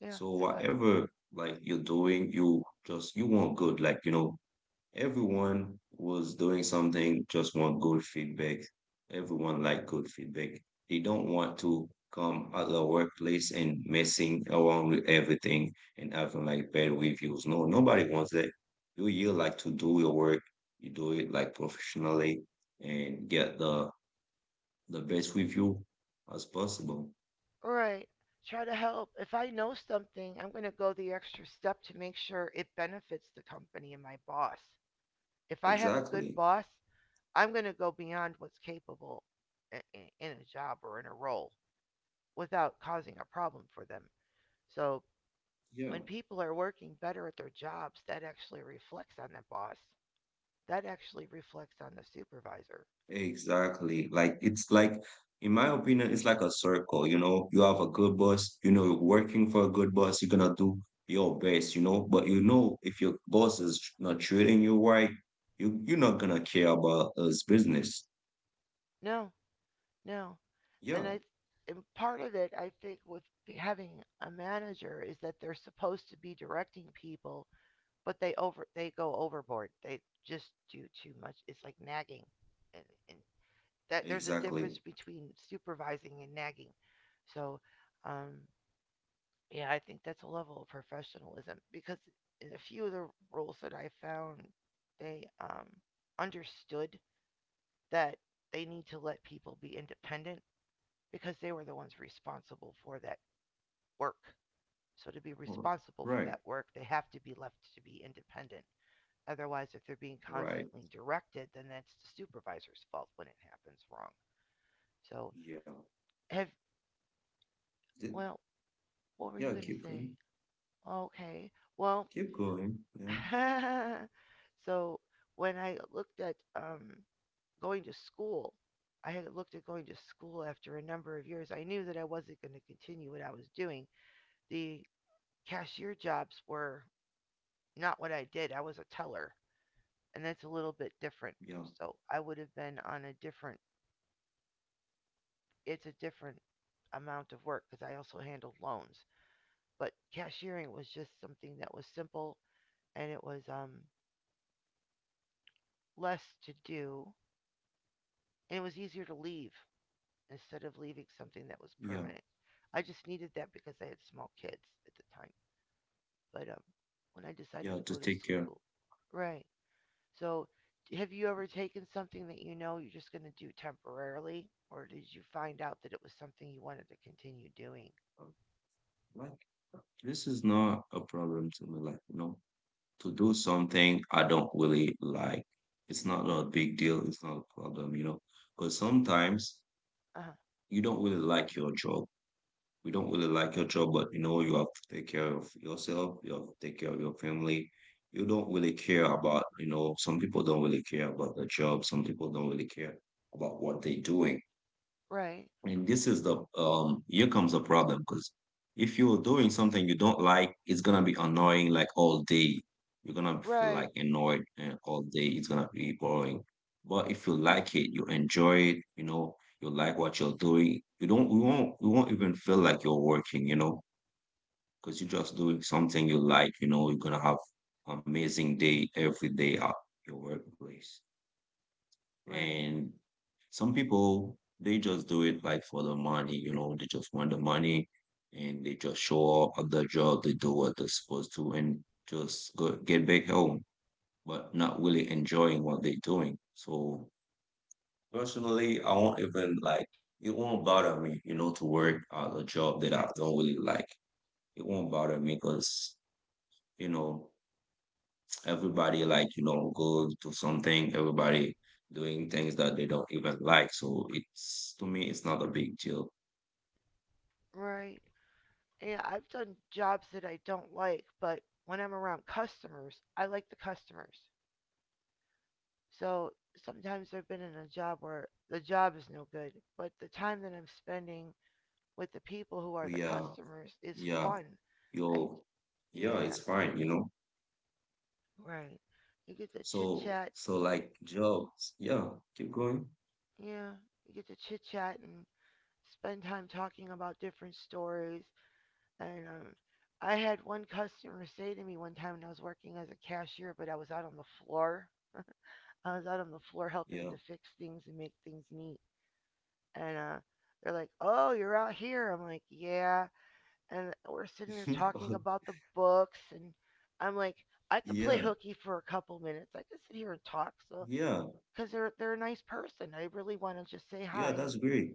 A: yeah,
B: So
A: if I,
B: whatever like you're doing, you just you want good, like you know. Everyone was doing something, just want good feedback. Everyone like good feedback. They don't want to come at the workplace and messing around with everything and having like bad reviews. No, nobody wants that. You you like to do your work, you do it like professionally and get the the best review as possible.
A: right, try to help. If I know something, I'm going to go the extra step to make sure it benefits the company and my boss. If I have a good
B: Exactly.
A: boss, I'm going to go beyond what's capable eh, eh, in a job or in a role, without causing a problem for them. So
B: Yeah.
A: when people are working better at their jobs, that actually reflects on the boss. That actually reflects on the supervisor.
B: Exactly. Like it's like, in my opinion, it's like a circle. You know, you have a good boss. You know, you're working for a good boss. You're gonna do your best. You know, but you know, if your boss is tr- not treating you right, you you're not gonna care about his business.
A: No, no.
B: Yeah,
A: And I and part of it I think with having a manager is that they're supposed to be directing people, but they over they go overboard. They just do too much. It's like nagging. And, and that there's a
B: exactly.
A: difference between supervising and nagging. So um yeah, I think that's a level of professionalism because in a few of the roles that I found, they um, understood that they need to let people be independent because they were the ones responsible for that work. So to be
B: Well,
A: responsible for
B: right,
A: that work, they have to be left to be independent. Otherwise, if they're being
B: right.
A: constantly directed, then that's the supervisor's fault when it happens wrong. So
B: Yeah,
A: have
B: Th-
A: well, what were
B: yeah.
A: you gonna
B: Keep
A: say?
B: going.
A: Okay. Well,
B: Keep going. Yeah,
A: (laughs) so when I looked at um, going to school, I had looked at going to school after a number of years. I knew that I wasn't going to continue what I was doing. The cashier jobs were not what I did. I was a teller, and that's a little bit different.
B: yeah,
A: So I would have been on a different, it's a different amount of work because I also handled loans. But cashiering was just something that was simple and it was um, less to do and it was easier to leave instead of leaving something that was
B: yeah,
A: permanent. I just needed that because I had small kids at the time. But um, When I decided
B: yeah.
A: to go
B: To
A: to
B: take care,
A: school, right. So, have you ever taken something that you know you're just going to do temporarily, or did you find out that it was something you wanted to continue doing?
B: of, like this is not a problem to me. Like no, to do something I don't really like. It's not a big deal. It's not a problem, you know. Because sometimes
A: Uh huh.
B: you don't really like your job. You don't really like your job, but you know you have to take care of yourself. You have to take care of your family. You don't really care about, you know, some people don't really care about their job. Some people don't really care about what they're doing.
A: Right.
B: And this is the, um here comes the problem because if you're doing something you don't like, it's gonna be annoying like all day. You're gonna feel
A: Right.
B: like annoyed and all day. It's gonna be boring. But if you like it, you enjoy it, you know, you like what you're doing. You don't you won't you won't even feel like you're working, you know, because you're just doing something you like, you know, you're gonna have amazing day every day at your workplace.
A: Right.
B: And some people, they just do it like for the money, you know, they just want the money and they just show up at the job, they do what they're supposed to and just go, get back home, but not really enjoying what they're doing. So personally, I won't even like, it won't bother me, you know, to work at a job that I don't really like. It won't bother me because, you know, everybody like you know go to something, everybody doing things that they don't even like, so it's to me it's not a big deal.
A: Right. Yeah, I've done jobs that I don't like, but when I'm around customers, I like the customers. So sometimes I've been in a job where the job is no good, but the time that I'm spending with the people who are the
B: We are
A: customers is
B: Yeah.
A: fun. I
B: Yo, yeah,
A: yeah,
B: it's fine, you know.
A: right. You get to chit
B: so
A: chat.
B: so like jobs, yeah. Keep going.
A: Yeah, you get to chit chat and spend time talking about different stories. And um, I had one customer say to me one time when I was working as a cashier, but I was out on the floor. I was out on the floor helping
B: Yeah.
A: to fix things and make things neat. And uh, They're like, "Oh, you're out here." I'm like, "Yeah," and we're sitting there
B: (laughs)
A: talking
B: Oh,
A: about the books. And I'm like, I could play
B: yeah,
A: hooky for a couple minutes. I could sit here and talk. So
B: yeah,
A: because they're they're a nice person, I really want to just say
B: yeah,
A: hi.
B: that's
A: And
B: great.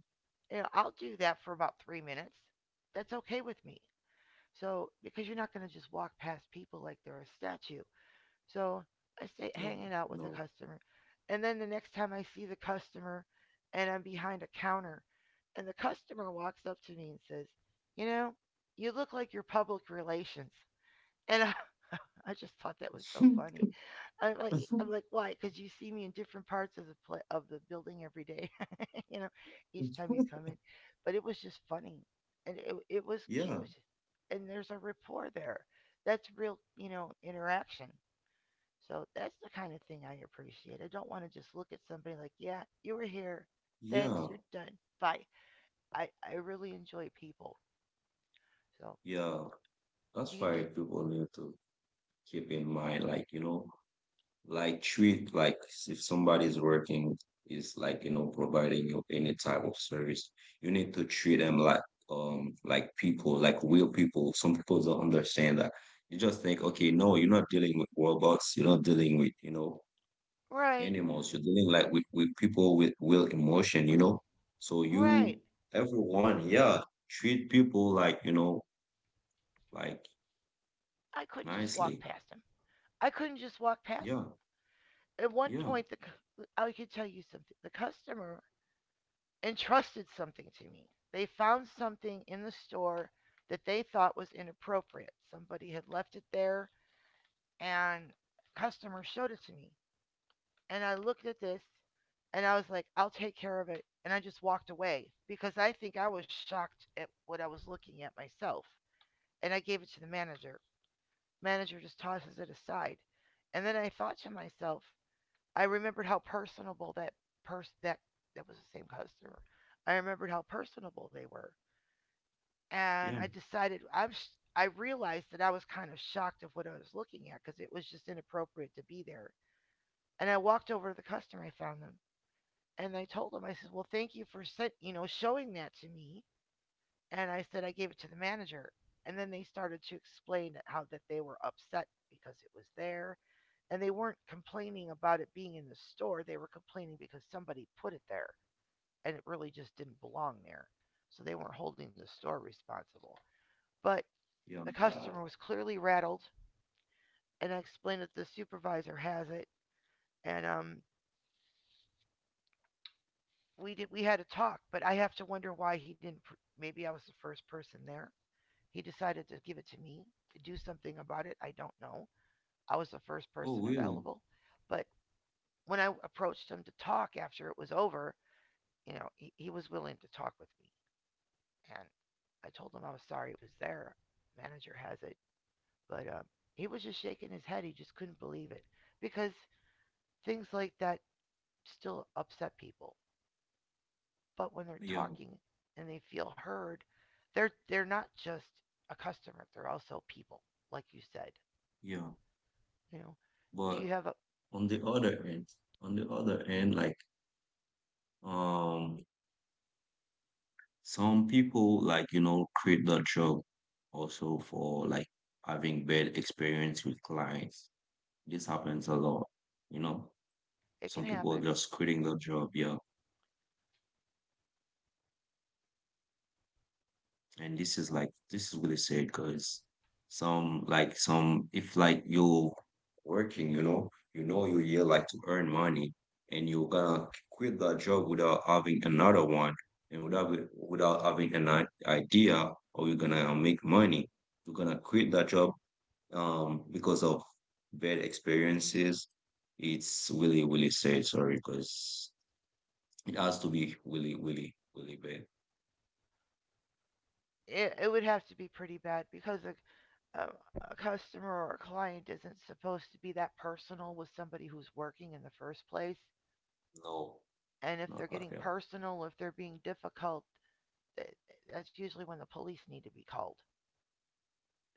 A: you know, I'll do that for about three minutes. That's okay with me. So because you're not going to just walk past people like they're a statue. So I stay
B: No,
A: hanging out with the
B: no.
A: customer. And then the next time I see the customer and I'm behind a counter and the customer walks up to me and says, you know, you look like you're public relations. And (laughs) I, I just thought that was so
B: (laughs)
A: funny. I'm like, "E-" I'm like, why? Because you see me in different parts of the pla of the building every day, (laughs) you know, each time you come in. But it was just funny, and it it was
B: Yeah,
A: cute, and there's a rapport there. That's real, you know, interaction. So that's the kind of thing I appreciate. I don't want to just look at somebody like, yeah, you were here. Thanks,
B: yeah,
A: you're done. Bye. I, I really enjoy people. So
B: yeah.
A: do
B: That's
A: you
B: why
A: think,
B: people need to keep in mind, like, you know, like, treat like if somebody's working is like, you know, providing you any type of service, you need to treat them like um like people, like real people. Some people don't understand that. You just think, okay, no, you're not dealing with robots, you're not dealing with, you know,
A: right,
B: animals, you're dealing like with, with people with real emotion, you know. So
A: right.
B: you everyone, yeah, treat people like, you know, like
A: I couldn't just walk
B: nicely.
A: past him. I couldn't just walk past
B: Yeah,
A: him. At one
B: yeah,
A: point, the, I could tell you something. The customer entrusted something to me. They found something in the store that they thought was inappropriate. Somebody had left it there and the customer showed it to me. And I looked at this and I was like, I'll take care of it. And I just walked away because I think I was shocked at what I was looking at myself. And I gave it to the manager. Manager just tosses it aside. And then I thought to myself, I remembered how personable that person that that was the same customer. I remembered how personable they were. And I
B: yeah,
A: decided I'm sh- I realized that I was kind of shocked of what I was looking at because it was just inappropriate to be there. And I walked over to the customer. I found them and I told him, I said, well, thank you for sen- you know showing that to me. And I said I gave it to the manager. And then they started to explain how that they were upset because it was there, and they weren't complaining about it being in the store. They were complaining because somebody put it there, and it really just didn't belong there. So they weren't holding the store responsible. But the
B: yeah.
A: customer was clearly rattled, and I explained that the supervisor has it, and um, we did we had a talk. But I have to wonder why he didn't. Pr- maybe I was the first person there. He decided to give it to me to do something about it. I don't know. I was the first
B: Oh,
A: person
B: really?
A: available. But when I approached him to talk after it was over, you know, he, he was willing to talk with me. And I told him I was sorry it was there. Manager has it. But um, He was just shaking his head. He just couldn't believe it because things like that still upset people. But when they're
B: Yeah,
A: talking and they feel heard, they're they're not just a customer. They're also people, like you said.
B: yeah.
A: You know, do
B: But
A: you have a?
B: on the other end, on the other end, like um some people like you know quit their job also for like having bad experience with clients. This happens a lot, you know.
A: It can
B: Some people
A: happen.
B: just quitting their job, yeah. And this is like this is really sad because some, like, some, if like you're working, you know, you know you're here like to earn money and you're gonna quit that job without having another one and without without having an i- idea how you're gonna make money. You're gonna quit that job um because of bad experiences. It's really, really sad, sorry, because it has to be really, really, really bad.
A: It, it would have to be pretty bad because a, a, a customer or a client isn't supposed to be that personal with somebody who's working in the first place.
B: No,
A: And if they're
B: not
A: getting
B: at all.
A: personal, if they're being difficult, th- that's usually when the police need to be called.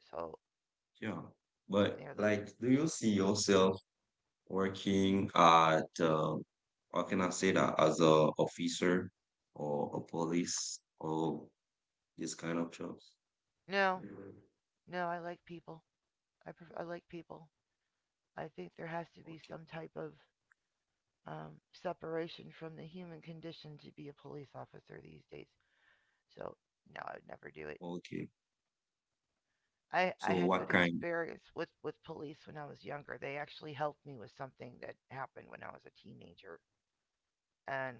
A: So,
B: Yeah.
A: you
B: But
A: know, the,
B: like, do you see yourself working at, um, how can I say that, as a officer or a police or this kind of jobs?
A: no,
B: Mm.
A: no, I like people. I, pref- I like people. I think there has to be
B: Okay.
A: some type of um, separation from the human condition to be a police officer these days. So no, I would never do it.
B: Okay.
A: I I
B: So
A: had
B: what
A: good
B: kind?
A: experience with with police when I was younger. They actually helped me with something that happened when I was a teenager, and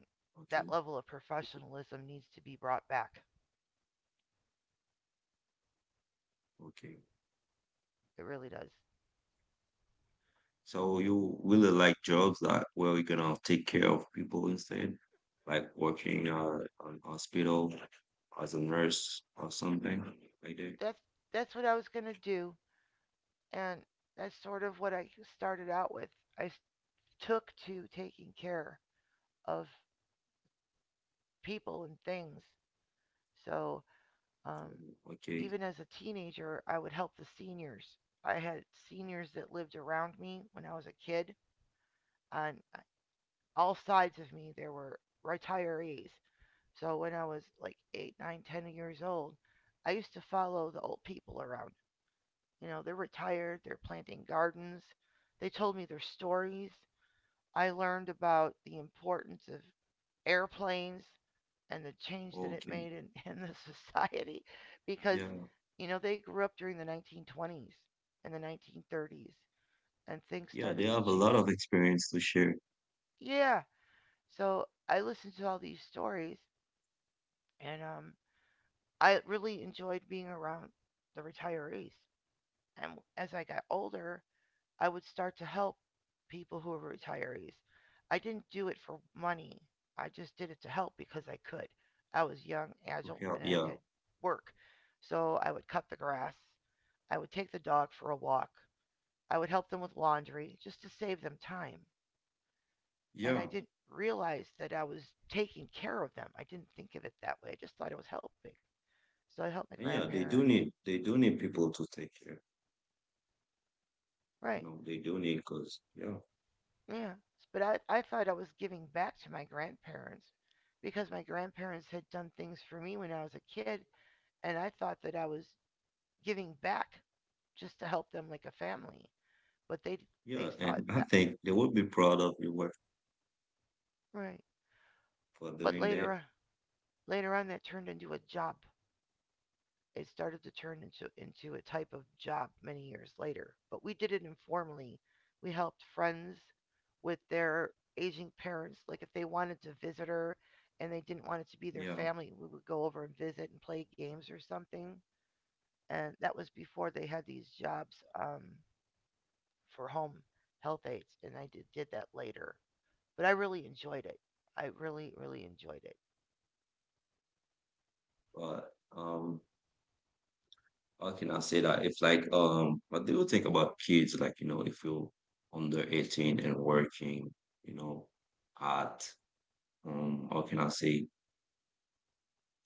A: that
B: Okay.
A: level of professionalism needs to be brought back.
B: Okay.
A: It really does. So
B: So you really like jobs that where you're gonna take care of people instead, like working uh, on hospital as a nurse or something like that.
A: that's that's what I was gonna do, and that's sort of what I started out with. I took to taking care of people and things. So um,
B: Okay.
A: even as a teenager, I would help the seniors. I had seniors that lived around me when I was a kid. On all sides of me, there were retirees. So when I was like eight, nine, ten years old, I used to follow the old people around. You know, they're retired, they're planting gardens. They told me their stories. I learned about the importance of airplanes and the change that it
B: Okay.
A: made in, (laughs) in the society, because
B: Yeah.
A: you know they grew up during the nineteen twenties and the nineteen thirties and things
B: Yeah, they
A: started to
B: have a
A: change.
B: lot of experience to share.
A: Yeah, so I listened to all these stories. And um I really enjoyed being around the retirees. And as I got older, I would start to help people who were retirees. I didn't do it for money. I just did it to help because I could. I was young,
B: To
A: agile,
B: help.
A: and I
B: Yeah,
A: could work. So I would cut the grass. I would take the dog for a walk. I would help them with laundry just to save them time. And I
B: yeah,
A: didn't realize that I was taking care of them. I didn't think of it that way. I just thought it was helping. So I helped my
B: and yeah. They
A: grandparents.
B: do need they do need people to take care. You
A: Right.
B: know, they do need because yeah,
A: Yeah. But I, I thought I was giving back to my grandparents because my grandparents had done things for me when I was a kid, and I thought that I was giving back just to help them like a family. But they they
B: yeah.
A: saw it
B: And I
A: that
B: think they would be proud of your work
A: right.
B: for
A: But
B: doing
A: later
B: that.
A: on, later on that turned into a job. It started to turn into, into a type of job many years later. But we did it informally. We helped friends with their aging parents. Like if they wanted to visit her and they didn't want it to be their
B: Yeah,
A: family, we would go over and visit and play games or something. And that was before they had these jobs um, for home health aides. And I did, did that later. But I really enjoyed it. I really, really enjoyed it.
B: but um, how can I say that? If like um, what do you think about kids? Like you know, if you're under eighteen and working, you know, at um, how can I say?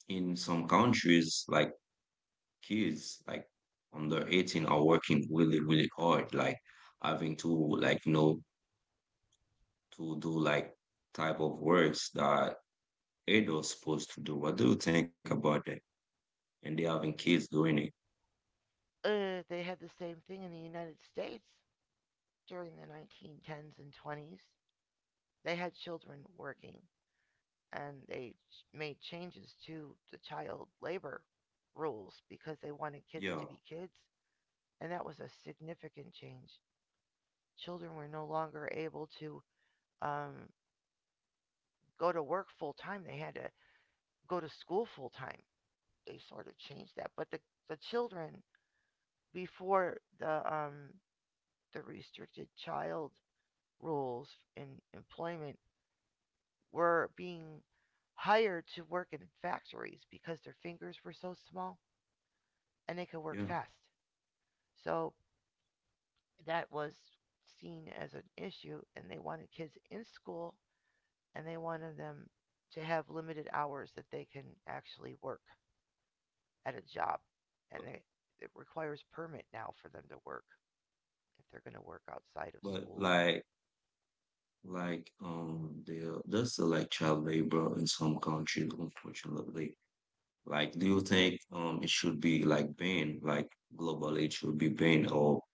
B: In some countries, like kids like under eighteen are working really really hard like having to like you know to do like type of works that adults supposed to do. What do you think about that and they having kids doing it?
A: Uh, they had the same thing in the United States during the nineteen tens and twenties. They had children working, and they made changes to the child labor rules because they wanted kids
B: Yeah,
A: to be kids, and that was a significant change. Children were no longer able to um, go to work full time; they had to go to school full time. They sort of changed that, but the the children before the um, the restricted child rules in employment were being hired to work in factories because their fingers were so small and they could work
B: yeah,
A: fast. So that was seen as an issue, and they wanted kids in school and they wanted them to have limited hours that they can actually work at a job. And
B: but,
A: they, it requires permit now for them to work if they're going to work outside of
B: but
A: school.
B: like like um there there's still like child labor in some countries, unfortunately. Like do you think um it should be like banned, like globally it should be banned, or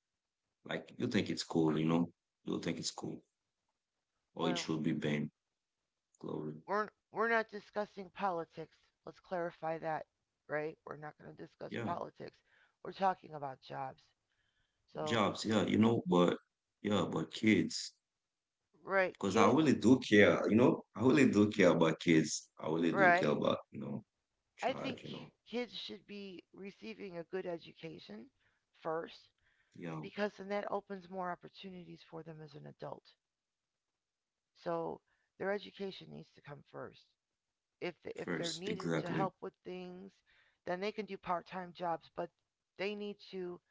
B: like you think it's cool? You know you think it's cool or it
A: Well,
B: should be banned. Glory.
A: we're we're not discussing politics. Let's clarify that, right? We're not going to discuss
B: Yeah,
A: politics. We're talking about jobs. So,
B: jobs. Yeah, you know, but yeah, but kids,
A: right,
B: because I
A: kids,
B: really do care. You know, I really do care about kids. I really do care
A: right?
B: about you know,
A: I think
B: child. You know,
A: kids should be receiving a good education first,
B: yeah,
A: because then that opens more opportunities for them as an adult. So, their education needs to come first. If th- if they're
B: first,
A: needed to help
B: exactly.
A: with things, then they can do part-time jobs, but they need to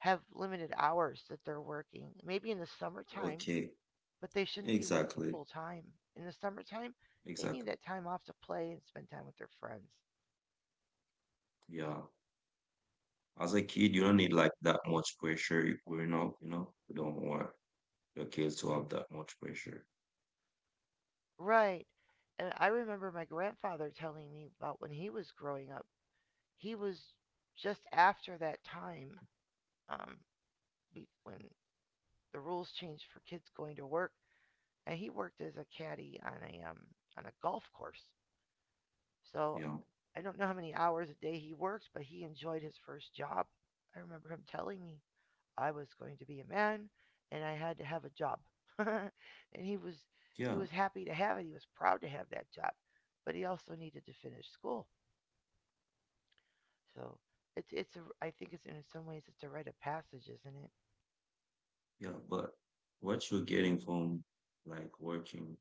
A: have limited hours that they're working. Maybe in the summertime,
B: Okay,
A: but they shouldn't be working
B: exactly,
A: full time. In the summertime, they need
B: exactly.
A: that time off to play and spend time with their friends.
B: Yeah, as a kid, you don't need like that much pressure growing up. You know, you don't want your kids to have that much pressure.
A: Right. And I remember my grandfather telling me about when he was growing up. He was just after that time um, when the rules changed for kids going to work, and he worked as a caddy on a um, on a golf course. So
B: Yeah,
A: I don't know how many hours a day he worked, but he enjoyed his first job. I remember him telling me I was going to be a man and I had to have a job. (laughs) And he was
B: yeah.
A: he was happy to have it. He was proud to have that job, but he also needed to finish school. So it's it's a, I think it's in some ways it's a rite of passage, isn't it?
B: Yeah, but what you're getting from like working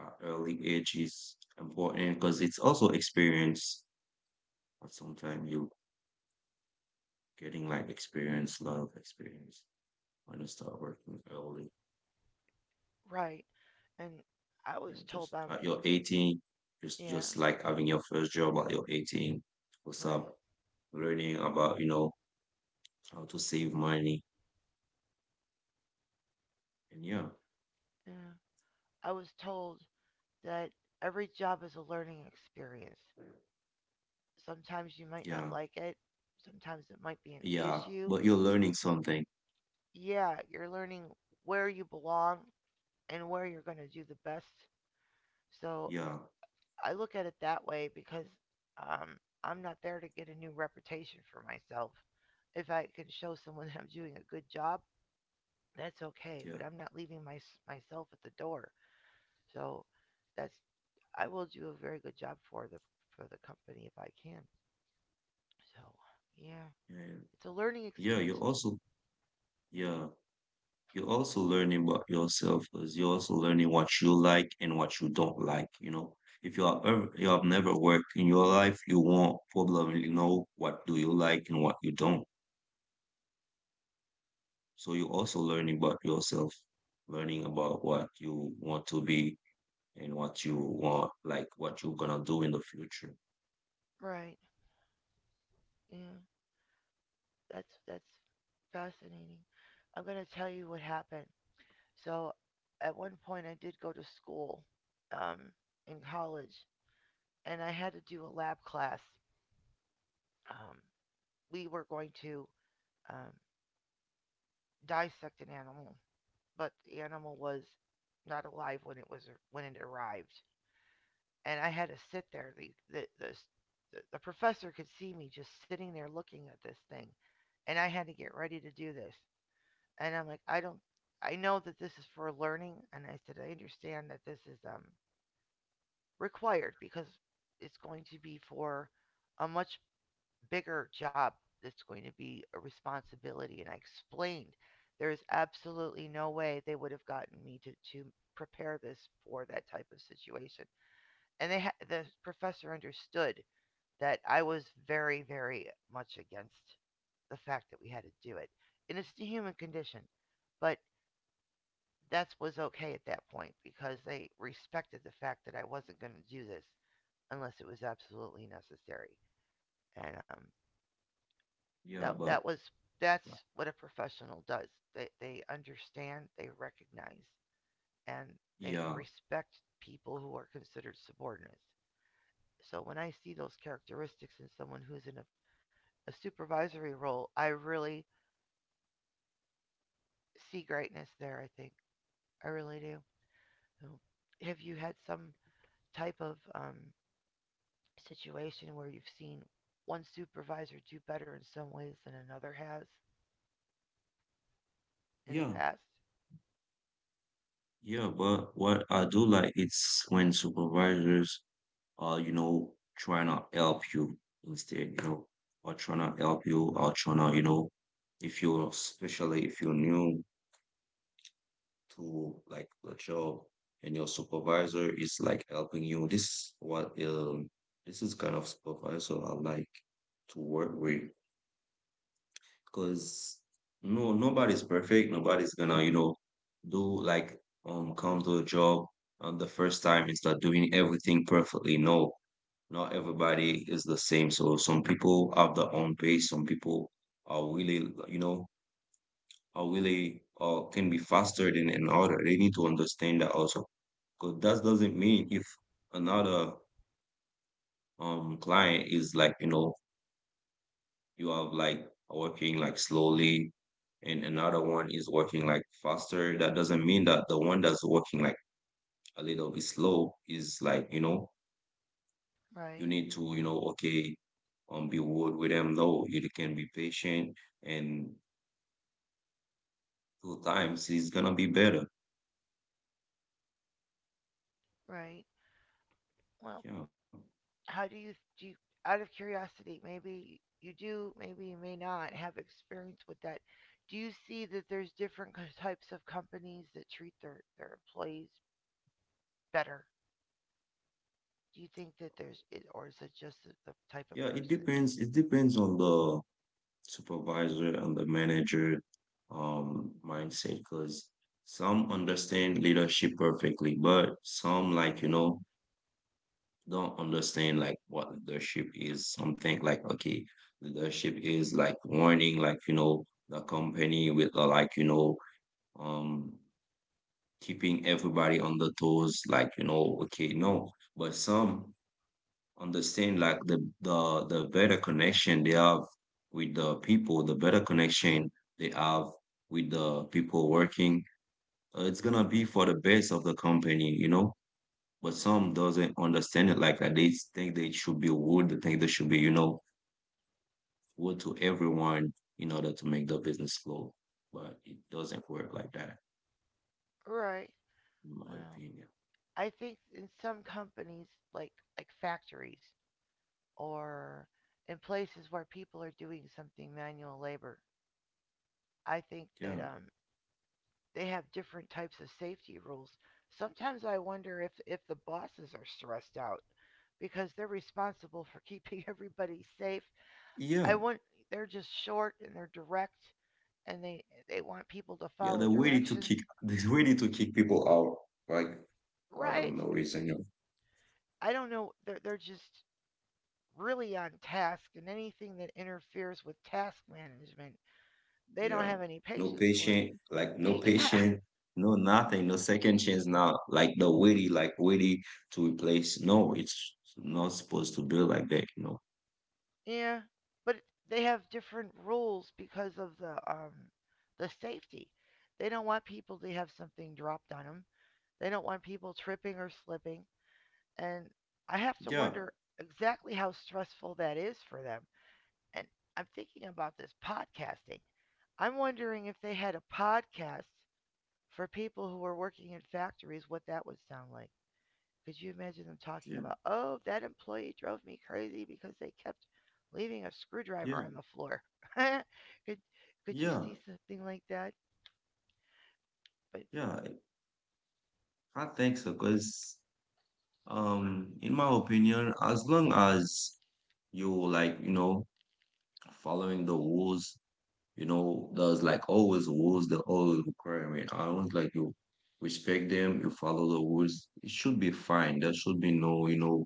B: at early age is important, because it's also experience. But sometimes you getting like experience, lot of experience when you start working early.
A: Right. And I
B: Yeah,
A: was told
B: just
A: by m-
B: at your eighteen, just
A: yeah,
B: just like having your first job at your eighteen. What's
A: right.
B: up? Learning about, you know, how to save money. And yeah,
A: Yeah. I was told that every job is a learning experience. Sometimes you might
B: yeah,
A: not like it. Sometimes it might be an
B: yeah.
A: issue.
B: But you're learning something.
A: Yeah, you're learning where you belong and where you're going to do the best. So
B: Yeah,
A: I look at it that way because um, I'm not there to get a new reputation for myself. If I can show someone (laughs) that I'm doing a good job, that's okay,
B: yeah,
A: but I'm not leaving my, myself at the door. So that's I will do a very good job for the for the company if I can. So, yeah,
B: yeah.
A: it's a learning
B: Yeah, you're
A: experience.
B: also, yeah, you're also learning about yourself, because you're also learning what you like and what you don't like. You know, if you have ever, you have never worked in your life, you won't probably know what do you like and what you don't. So you're also learning about yourself, learning about what you want to be and what you want, like what you're gonna do in the future.
A: Right. Yeah, that's that's fascinating. I'm gonna tell you what happened. So, at one point, I did go to school, um, in college, and I had to do a lab class. Um, we were going to um, dissect an animal, but the animal was not alive when it was when it arrived, and I had to sit there. The the the, s- the, the professor could see me just sitting there looking at this thing, and I had to get ready to do this. And I'm like, I don't, I know that this is for learning, and I said I understand that this is um required because it's going to be for a much bigger job. That's going to be a responsibility, and I explained there is absolutely no way they would have gotten me to to prepare this for that type of situation, and they ha- the professor understood that I was very very much against the fact that we had to do it, and it's the human condition, but that was okay at that point because they respected the fact that I wasn't going to do this unless it was absolutely necessary. And um,
B: Yeah,
A: that that
B: but
A: was that's what a professional does. They they understand, they recognize, and they
B: yeah,
A: respect people who are considered subordinates. So when I see those characteristics in someone who's in a, a supervisory role, I really see greatness there. I think I really do. So have you had some type of um, situation where you've seen one supervisor do better in some ways than another has in the
B: yeah,
A: past?
B: yeah. But what I do like it's when supervisors or you know trying to help you instead, you know or trying to help you or trying to you know if you're, especially if you're new to like the job, and your supervisor is like helping you, this what um this is kind of supervisor I like to work with. Because no nobody's perfect, nobody's gonna you know do like um come to a job on the first time and start doing everything perfectly. No, not everybody is the same. So some people have their own pace. Some people are really, you know, are really uh, can be faster than another. They need to understand that also. Because that doesn't mean if another um client is like, you know, you have like working like slowly and another one is working like faster. That doesn't mean that the one that's working like a little bit slow is like, you know, you
A: Right,
B: need to, you know, okay, um, be bold with them. No, you can be patient, and two times it's gonna be better.
A: right. Well,
B: Yeah,
A: how do you do? You, out of curiosity, maybe you do, maybe you may not have experience with that. Do you see that there's different types of companies that treat their their employees better? Do you think that there's, or is it just the type of
B: yeah. It
A: person?
B: depends. It depends on the supervisor and the manager, um, mindset. Because some understand leadership perfectly, but some like you know don't understand like what leadership is. Some think like okay, leadership is like warning, like you know the company with the like you know um keeping everybody on the toes, like you know okay, no. But some understand like the the the better connection they have with the people, the better connection they have with the people working, uh, it's gonna be for the best of the company, you know. But some
A: Right.
B: doesn't understand it like that. They think they should be rude, they think they should be, you know, rude to everyone in order to make the business flow, but it doesn't work like that,
A: Right.
B: in my
A: Well,
B: opinion.
A: I think in some companies, like like factories, or in places where people are doing something manual labor. I think
B: Yeah,
A: that um, they have different types of safety rules. Sometimes I wonder if, if the bosses are stressed out because they're responsible for (laughs) keeping everybody safe.
B: yeah.
A: I want they're just short and they're direct and they they want people to
B: Yeah,
A: follow
B: the way to
A: directions.
B: kick (laughs) the way to kick people out, like I
A: Right?
B: don't know reason. no-
A: I don't know. They're they're just really on task, and anything that interferes with task management, they don't
B: Yeah,
A: have any
B: no
A: patience for it.
B: patient, like no
A: (laughs) Yeah,
B: patient, no nothing, no second chance now. Like the witty, like witty to replace. No, it's not supposed to be like that. You know.
A: yeah, but they have different rules because of the um the safety. They don't want people to have something dropped on them. They don't want people tripping or slipping. And I have to
B: Yeah,
A: wonder exactly how stressful that is for them. And I'm thinking about this podcasting. I'm wondering if they had a podcast for people who are working in factories, what that would sound like. Could you imagine them talking
B: yeah,
A: about, oh, that employee drove me crazy because they kept leaving a screwdriver
B: yeah,
A: on the floor? (laughs) could could you
B: yeah,
A: see something like that? But
B: yeah. I think so, cause um, in my opinion, as long as you like, you know, following the rules. You know, there's like always rules, that are always requirement. I was like, you respect them, you follow the rules. It should be fine. There should be no, you know,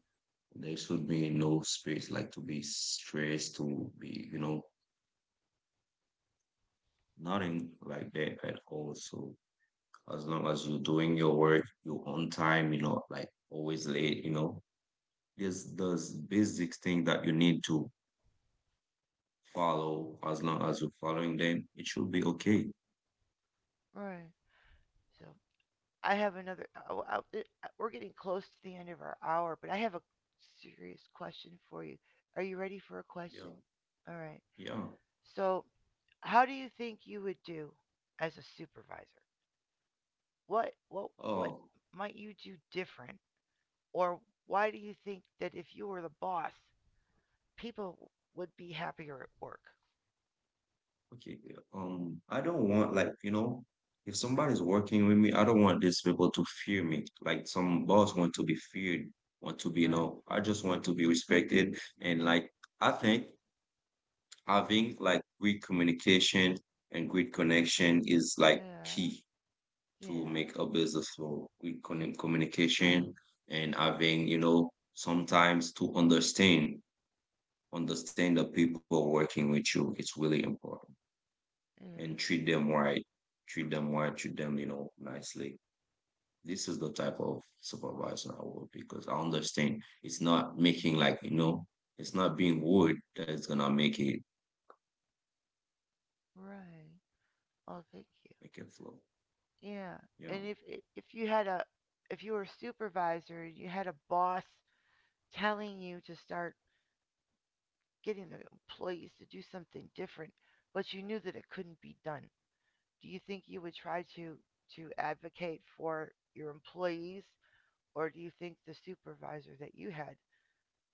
B: there should be no space like to be stressed, to be, you know, nothing like that at all. So as long as you're doing your work, you're on time, you're not like always late, you know, there's those basic thing that you need to follow. As long as you're following them, it should be okay.
A: all right. So I have another. Oh, I- I- we're getting close to the end of our hour, but I have a serious question for you. Are you ready for a
B: Yeah.
A: question? All right.
B: Yeah.
A: So, how do you think you would do as a supervisor? What what what
B: Oh.
A: might you do different? Or why do you think that if you were the boss, people would be happier at work?
B: Okay, um, I don't want like, you know, if
A: Uh,
B: somebody's working with me, I don't want these people to fear me. Like some boss want to be feared, want to be, you
A: right.
B: know, I just want to be respected. And like I think having like great communication and great connection is like
A: Yeah.
B: key to
A: Yeah.
B: make a business flow. Good con communication and having, you know, sometimes to understand, understand the people working with you. It's really important,
A: Yeah.
B: and treat them right, treat them right, treat them, you know, nicely. This is the type of supervisor I will be, because I understand it's not making like, you know, it's not being rude that's gonna make it
A: Right. Oh, thank
B: make it flow.
A: you. Yeah.
B: Yeah.
A: And if if you had a if you were a supervisor and you had a boss telling you to start getting the employees to do something different, but you knew that it couldn't be done, do you think you would try to to advocate for your employees, or do you think the supervisor that you had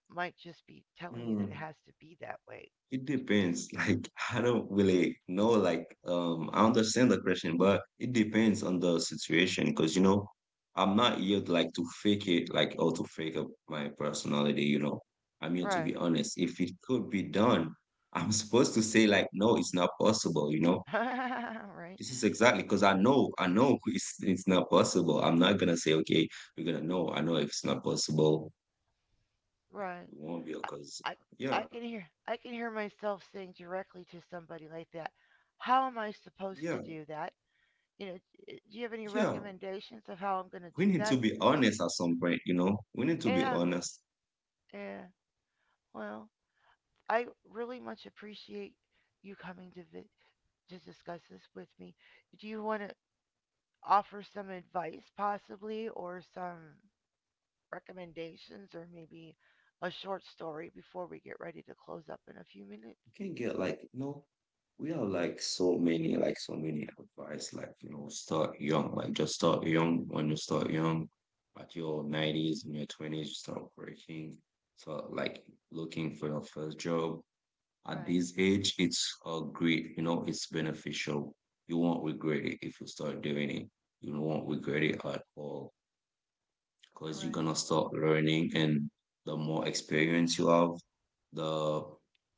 A: might just be telling you that it has to
B: Mm.
A: be that way.
B: It depends. (laughs) Like I don't really know. Like um, I understand the question, but it depends on the situation. Because you know, I'm not here to, like to fake it, like or to fake up my personality. You know, I'm here to be
A: Right.
B: honest. If it could be done, (laughs) I'm supposed to say like, no, it's not possible. You know,
A: (laughs) Right?
B: this is exactly, because I know, I know (laughs) it's it's not possible. I'm not gonna say okay, we're gonna know. I know if it's not possible,
A: Right.
B: it won't be
A: I,
B: because
A: I
B: yeah,
A: I can hear I can hear myself saying directly to somebody like that, how am I supposed to
B: yeah,
A: do that? You know, eh, do you have any
B: yeah.
A: recommendations of how I'm going to
B: We
A: do
B: need to
A: that?
B: be honest at some point, you know. We need to be
A: Yeah,
B: honest.
A: yeah. Well, I really much appreciate you coming to vi- to discuss this with me. Do you want to offer some advice possibly or some recommendations, or maybe a short story before we get ready to close up in a few minutes?
B: We can not get like, you know, we have like so many, like so many advice, like, you know, start young, like just start young. When you start young, at your nineties, in your twenties, you start working. So like looking for your first job at
A: Right,
B: this age, it's a great, you know, it's beneficial. You won't regret it if you start doing it. You won't regret it at all. Because you're
A: right.
B: gonna start learning, and the more experience you have, the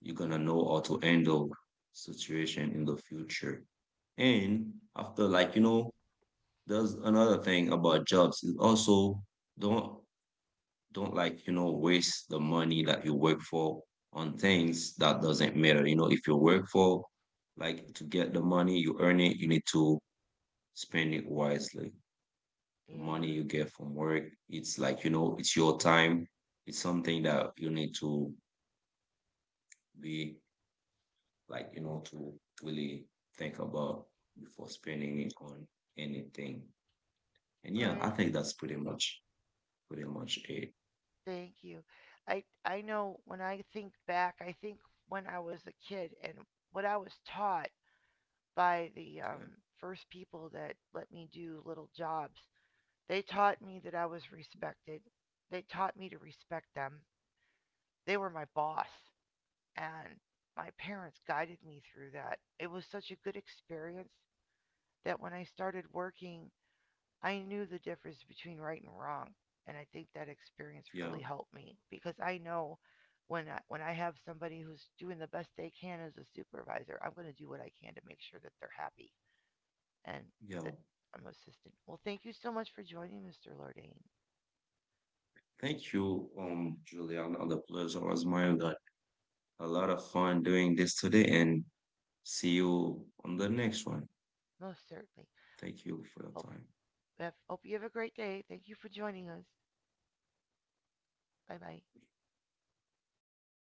B: you're gonna know how to handle situation in the future. And after like, you know, there's another thing about jobs is also don't don't like, you know, waste the money that you work for on
A: Uh-huh.
B: things that doesn't matter. You know, if you work for like to get the money, you earn it, you need to spend it wisely. The money
A: Yeah,
B: you get from work, it's like you know it's your time, it's something that you need to be like you know to really think about before spending it on anything. And yeah, I
A: right.
B: think that's pretty much pretty much it.
A: Thank you. I I know when I think back, I think when I was a kid and what I was taught by the
B: Yeah,
A: um, first people that let me do little jobs, they taught me that I was respected. They taught me to respect them. They were my boss. And my parents guided me through that. It was such a good experience that when I started working, I knew the difference between right and wrong, and I think that experience
B: yeah,
A: really helped me because I know when I, when I have somebody who's doing the best they can as a supervisor, I'm going to do what I can to make sure that they're happy and
B: yeah,
A: that I'm assistant. Well, thank you so much for joining, mister Lordane.
B: thank you um Juliana. The pleasure was mine. Got a lot of fun doing this today, and see you on the next one.
A: Most certainly.
B: Thank you for your
A: Hope
B: time.
A: hope you have a great day. Thank you for joining us. Bye bye.
B: Bye-bye.